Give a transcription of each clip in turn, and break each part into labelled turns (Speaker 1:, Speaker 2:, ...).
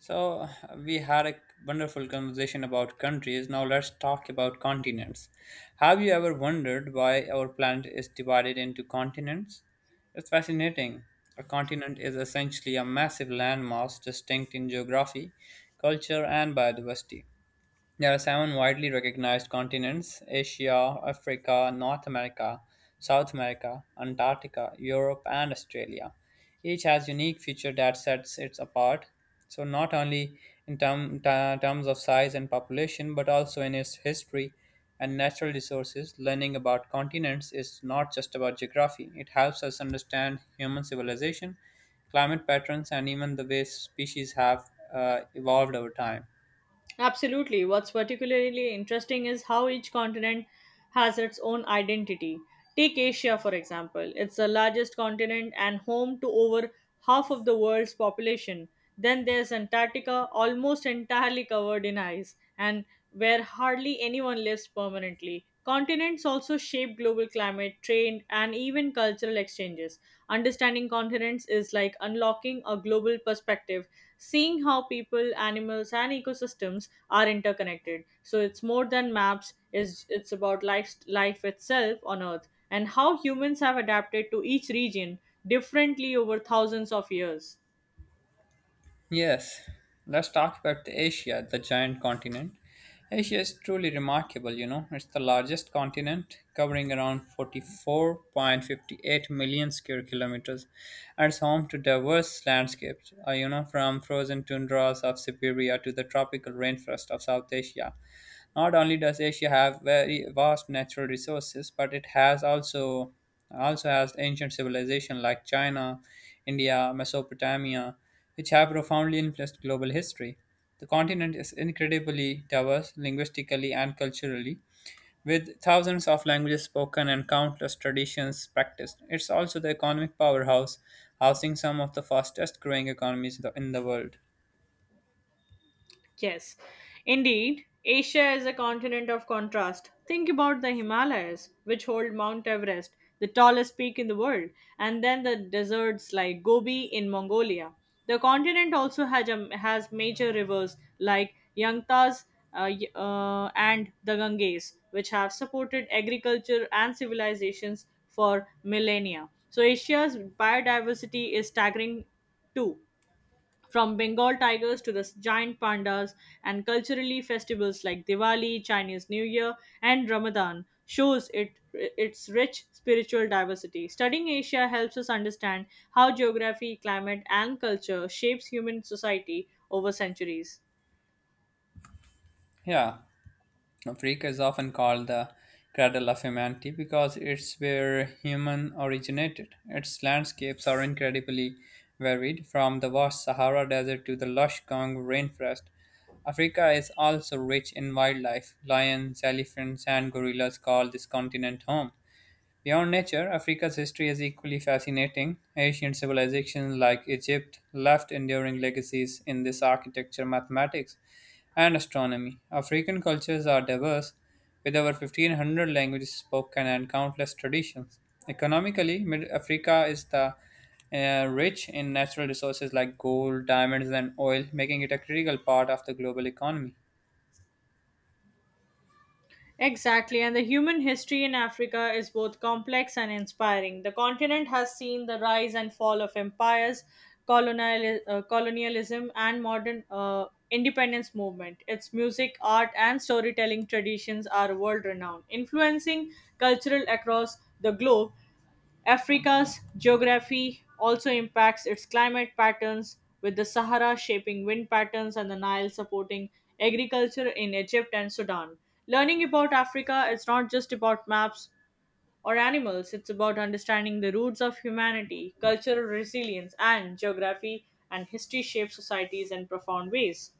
Speaker 1: So, we had a wonderful conversation about countries. Now, let's talk about continents. Have you ever wondered why our planet is divided into continents? It's fascinating. A continent is essentially a massive landmass distinct in geography, culture, and biodiversity. There are seven widely recognized continents: Asia, Africa, North America, South America, Antarctica, Europe, and Australia. Each has unique feature that sets it apart. So, not only in terms of size and population, but also in its history and natural resources, learning about continents is not just about geography. It helps us understand human civilization, climate patterns, and even the way species have evolved over time.
Speaker 2: Absolutely. What's particularly interesting is how each continent has its own identity. Take Asia, for example. It's the largest continent and home to over half of the world's population. Then there's Antarctica, almost entirely covered in ice, and where hardly anyone lives permanently. Continents also shape global climate, trade, and even cultural exchanges. Understanding continents is like unlocking a global perspective, seeing how people, animals, and ecosystems are interconnected. So it's more than maps, is it's about life, life itself on Earth and how humans have adapted to each region differently over thousands of years.
Speaker 1: Yes, let's talk about Asia, the giant continent. Asia is truly remarkable. It's the largest continent, covering around 44.58 million square kilometers, and it's home to diverse landscapes, from frozen tundras of Siberia to the tropical rainforest of South Asia. Not only does Asia have very vast natural resources, but it has also also has ancient civilization like China, India, Mesopotamia, which have profoundly influenced global history. The continent is incredibly diverse linguistically and culturally, with thousands of languages spoken and countless traditions practiced. It's also the economic powerhouse, housing some of the fastest growing economies in the world.
Speaker 2: Yes, indeed, Asia is a continent of contrast. Think about the Himalayas, which hold Mount Everest, the tallest peak in the world, and then the deserts like Gobi in Mongolia. The continent also has major rivers like Yangtze and the Ganges, which have supported agriculture and civilizations for millennia. So, Asia's biodiversity is staggering too. From Bengal tigers to the giant pandas, and culturally festivals like Diwali, Chinese New Year, and Ramadan shows it its rich spiritual diversity. Studying Asia helps us understand how geography, climate, and culture shapes human society over centuries.
Speaker 1: Yeah, Africa is often called the cradle of humanity because it's where human originated. Its landscapes are incredibly varied, from the vast Sahara Desert to the lush Congo rainforest. Africa is also rich in wildlife. Lions, elephants, and gorillas call this continent home. Beyond nature, Africa's history is equally fascinating. Ancient civilizations like Egypt left enduring legacies in this architecture, mathematics, and astronomy. African cultures are diverse, with over 1500 languages spoken and countless traditions. Economically, Africa is the rich in natural resources like gold, diamonds, and oil, making it a critical part of the global economy.
Speaker 2: Exactly, and the human history in Africa is both complex and inspiring. The continent has seen the rise and fall of empires, colonialism, and modern independence movement. Its music, art, and storytelling traditions are world renowned, influencing cultural across the globe. Africa's geography also impacts its climate patterns, with the Sahara shaping wind patterns and the Nile supporting agriculture in Egypt and Sudan. Learning about Africa is not just about maps or animals, it's about understanding the roots of humanity, cultural resilience, and geography and history shape societies in profound ways.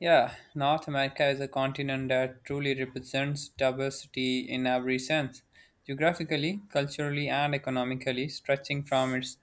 Speaker 1: Yeah, North America is a continent that truly represents diversity in every sense, geographically, culturally, and economically, stretching from its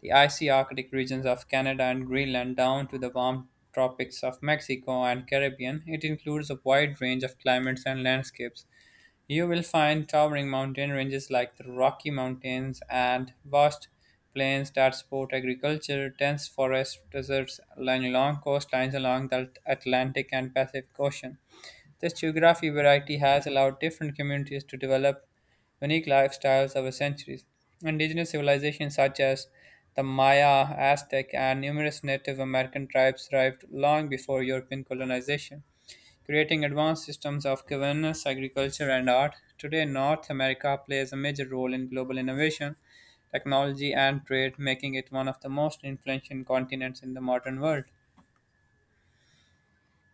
Speaker 1: the icy Arctic regions of Canada and Greenland down to the warm tropics of Mexico and Caribbean. It includes a wide range of climates and landscapes. You will find towering mountain ranges like the Rocky Mountains and vast plains that support agriculture, dense forest deserts lying along coastlines along the Atlantic and Pacific Ocean. This geography variety has allowed different communities to develop unique lifestyles over centuries. Indigenous civilizations such as the Maya, Aztec, and numerous Native American tribes thrived long before European colonization, creating advanced systems of governance, agriculture, and art. Today, North America plays a major role in global innovation, technology, and trade, making it one of the most influential continents in the modern world.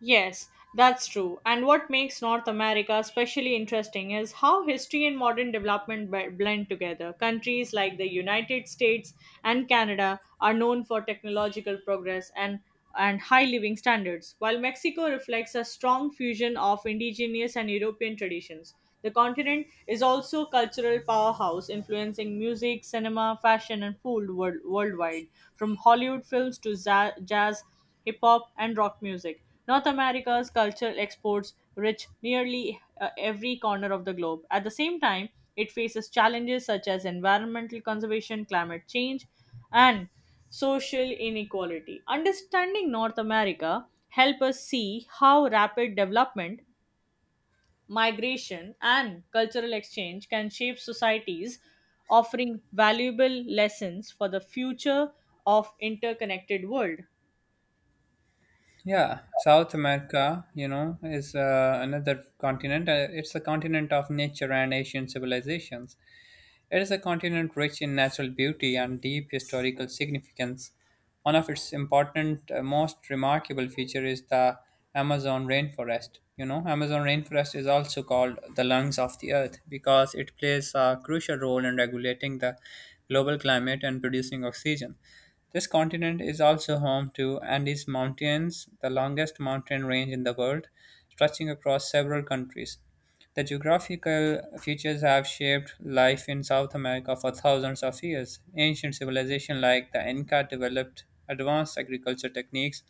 Speaker 2: Yes, that's true. And what makes North America especially interesting is how history and modern development blend together. Countries like the United States and Canada are known for technological progress and high living standards, while Mexico reflects a strong fusion of indigenous and European traditions. The continent is also a cultural powerhouse, influencing music, cinema, fashion, and worldwide, from Hollywood films to jazz, hip hop, and rock music. North America's cultural exports reach nearly every corner of the globe. At the same time, it faces challenges such as environmental conservation, climate change, and social inequality. Understanding North America help us see how rapid development, migration, and cultural exchange can shape societies, offering valuable lessons for the future of interconnected world.
Speaker 1: Yeah, South America is another continent. It's a continent of nature and ancient civilizations. It is a continent rich in natural beauty and deep historical significance. One of its most remarkable feature is the Amazon rainforest. Amazon rainforest is also called the lungs of the earth because it plays a crucial role in regulating the global climate and producing oxygen. This continent is also home to Andes Mountains, the longest mountain range in the world, stretching across several countries. The geographical features have shaped life in South America for thousands of years. Ancient civilizations like the Inca developed advanced agriculture techniques,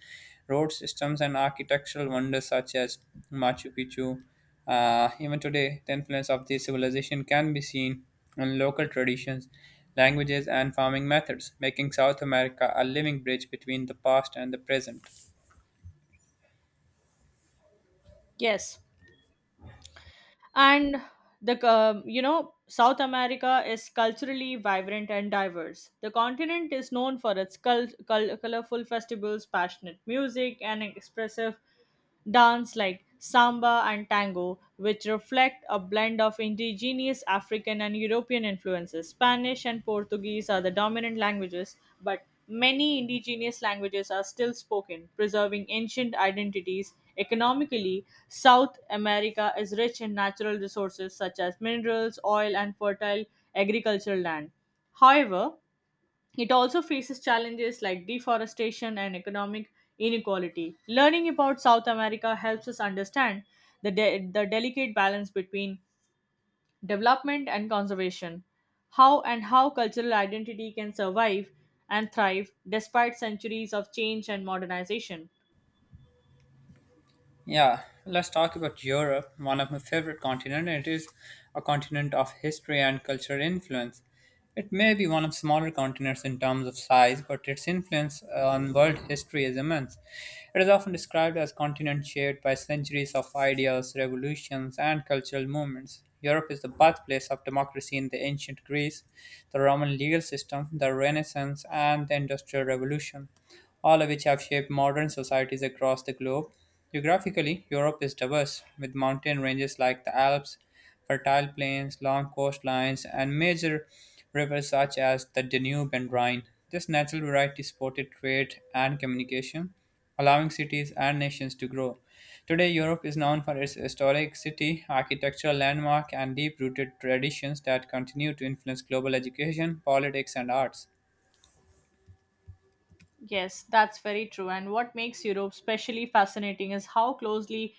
Speaker 1: road systems, and architectural wonders such as Machu Picchu. Even today, the influence of these civilizations can be seen in local traditions, languages, and farming methods, making South America a living bridge between the past and the present.
Speaker 2: Yes, and the you know south america is culturally vibrant and diverse. The continent is known for its colorful festivals, passionate music, and expressive dance like samba and tango, which reflect a blend of indigenous African and European influences. Spanish and Portuguese are the dominant languages, but many indigenous languages are still spoken, preserving ancient identities. Economically, South America is rich in natural resources such as minerals, oil, and fertile agricultural land. However, it also faces challenges like deforestation and economic inequality. Learning about South America helps us understand the delicate balance between development and conservation, how cultural identity can survive and thrive despite centuries of change and modernization.
Speaker 1: Yeah, let's talk about Europe, one of my favorite continents. It is a continent of history and cultural influence. It may be one of smaller continents in terms of size, but its influence on world history is immense. It is often described as a continent shaped by centuries of ideas, revolutions, and cultural movements. Europe is the birthplace of democracy in the ancient Greece, the Roman legal system, the Renaissance, and the Industrial Revolution, all of which have shaped modern societies across the globe. Geographically, Europe is diverse, with mountain ranges like the Alps, fertile plains, long coastlines, and major rivers such as the Danube and Rhine. This natural variety supported trade and communication, allowing cities and nations to grow. Today, Europe is known for its historic city, architectural landmark, and deep rooted traditions that continue to influence global education, politics, and arts.
Speaker 2: Yes, that's very true. And what makes Europe especially fascinating is how closely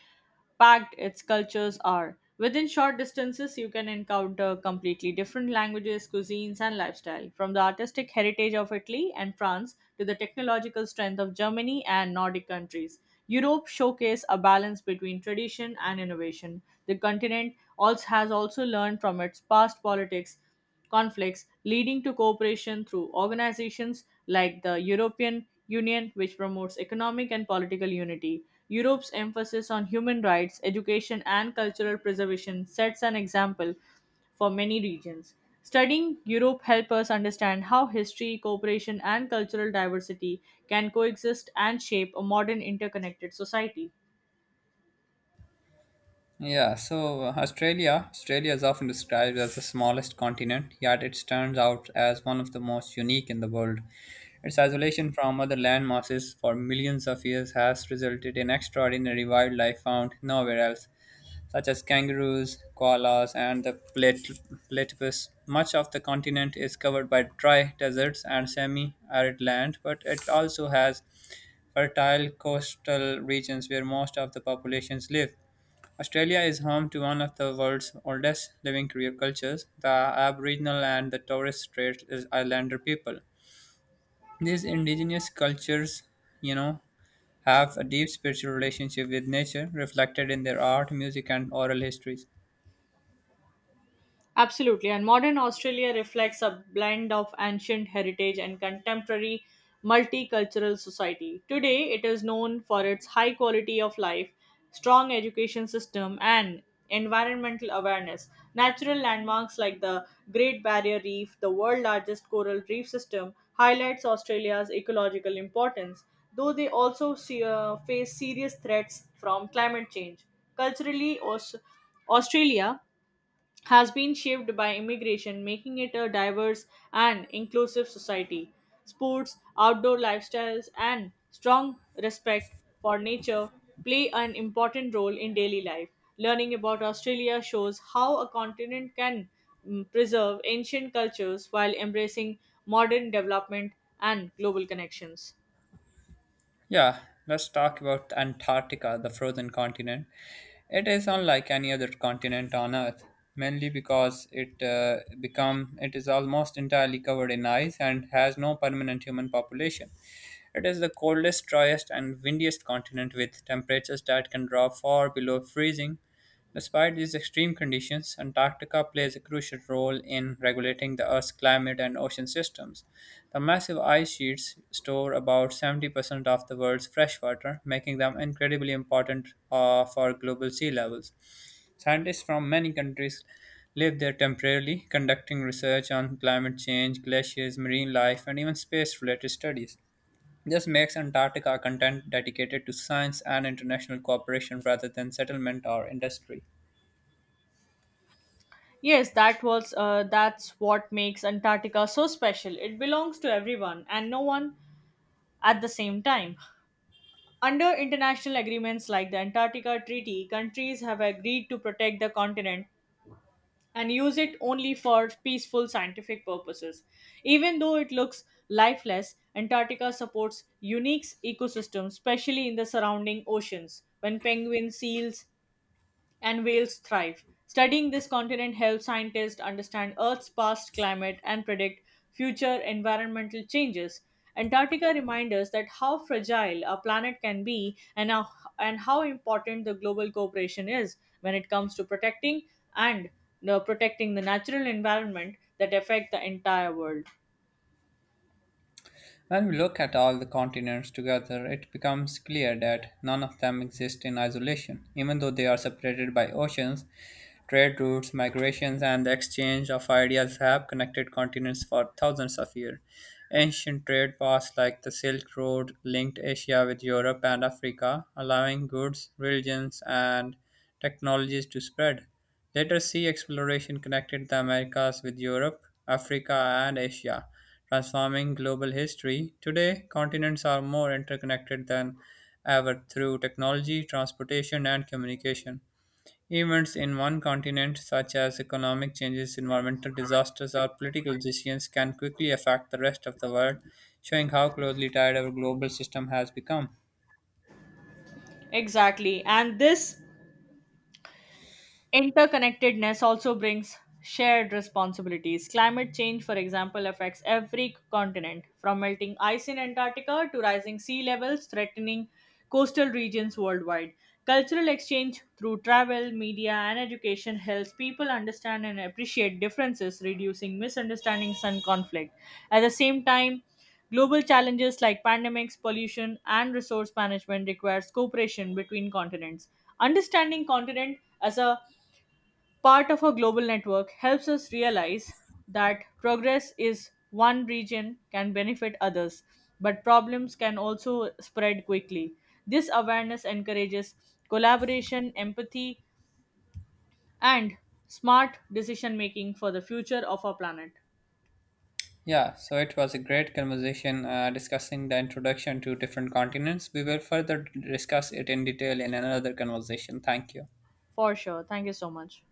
Speaker 2: packed its cultures are. Within short distances, you can encounter completely different languages, cuisines, and lifestyle, from the artistic heritage of Italy and France to the technological strength of Germany and Nordic countries. Europe showcased a balance between tradition and innovation. The continent also has also learned from its past politics, conflicts, leading to cooperation through organizations like the European Union, which promotes economic and political unity. Europe's emphasis on human rights, education, and cultural preservation sets an example for many regions. Studying Europe helps us understand how history, cooperation, and cultural diversity can coexist and shape a modern interconnected society.
Speaker 1: Yeah, so Australia is often described as the smallest continent, yet it stands out as one of the most unique in the world. Its isolation from other land masses for millions of years has resulted in extraordinary wildlife found nowhere else, such as kangaroos, koalas, and the platypus. Much of the continent is covered by dry deserts and semi-arid land, but it also has fertile coastal regions where most of the populations live. Australia is home to one of the world's oldest living career cultures, the Aboriginal and the Torres Strait Islander people. These indigenous cultures, you know, have a deep spiritual relationship with nature, reflected in their art, music, and oral histories.
Speaker 2: Absolutely. And modern Australia reflects a blend of ancient heritage and contemporary multicultural society. Today, it is known for its high quality of life, strong education system, and environmental awareness. Natural landmarks like the Great Barrier Reef, the world's largest coral reef system, highlights Australia's ecological importance, though they also face serious threats from climate change. Culturally, Australia has been shaped by immigration, making it a diverse and inclusive society. Sports, outdoor lifestyles, and strong respect for nature play an important role in daily life. Learning about Australia shows how a continent can preserve ancient cultures while embracing modern development and global connections.
Speaker 1: Yeah, let's talk about Antarctica, the frozen continent. It is unlike any other continent on Earth, mainly because it is almost entirely covered in ice and has no permanent human population. It is the coldest, driest, and windiest continent with temperatures that can drop far below freezing. Despite these extreme conditions, Antarctica plays a crucial role in regulating the Earth's climate and ocean systems. The massive ice sheets store about 70% of the world's freshwater, making them incredibly important for global sea levels. Scientists from many countries live there temporarily, conducting research on climate change, glaciers, marine life, and even space related studies. This makes Antarctica a content dedicated to science and international cooperation rather than settlement or industry.
Speaker 2: Yes, that's what makes Antarctica so special. It belongs to everyone and no one at the same time. Under international agreements like the Antarctica Treaty, countries have agreed to protect the continent and use it only for peaceful scientific purposes. Even though it looks lifeless, Antarctica supports unique ecosystems, especially in the surrounding oceans, when penguins, seals, and whales thrive. Studying this continent helps scientists understand Earth's past climate and predict future environmental changes. Antarctica reminds us that how fragile our planet can be and how important the global cooperation is when it comes to protecting and protecting the natural environment that affect the entire world.
Speaker 1: When we look at all the continents together, it becomes clear that none of them exist in isolation, even though they are separated by oceans. Trade routes, migrations, and the exchange of ideas have connected continents for thousands of years. Ancient trade paths like the Silk Road linked Asia with Europe and Africa, allowing goods, religions, and technologies to spread. Later sea exploration connected the Americas with Europe, Africa, and Asia, transforming global history. Today, continents are more interconnected than ever through technology, transportation, and communication. Events in one continent, such as economic changes, environmental disasters, or political decisions, can quickly affect the rest of the world, showing how closely tied our global system has become.
Speaker 2: Exactly. And this Interconnectedness also brings shared responsibilities. Climate change, for example, affects every continent, from melting ice in Antarctica to rising sea levels threatening coastal regions worldwide. Cultural exchange through travel, media, and education helps people understand and appreciate differences, reducing misunderstandings and conflict. At the same time, global challenges like pandemics, pollution, and resource management requires cooperation between continents. Understanding continent as a part of a global network helps us realize that progress is one region can benefit others, but problems can also spread quickly. This awareness encourages collaboration, empathy, and smart decision making for the future of our planet.
Speaker 1: Yeah, so it was a great conversation discussing the introduction to different continents. We will further discuss it in detail in another conversation. Thank you.
Speaker 2: For sure. Thank you so much.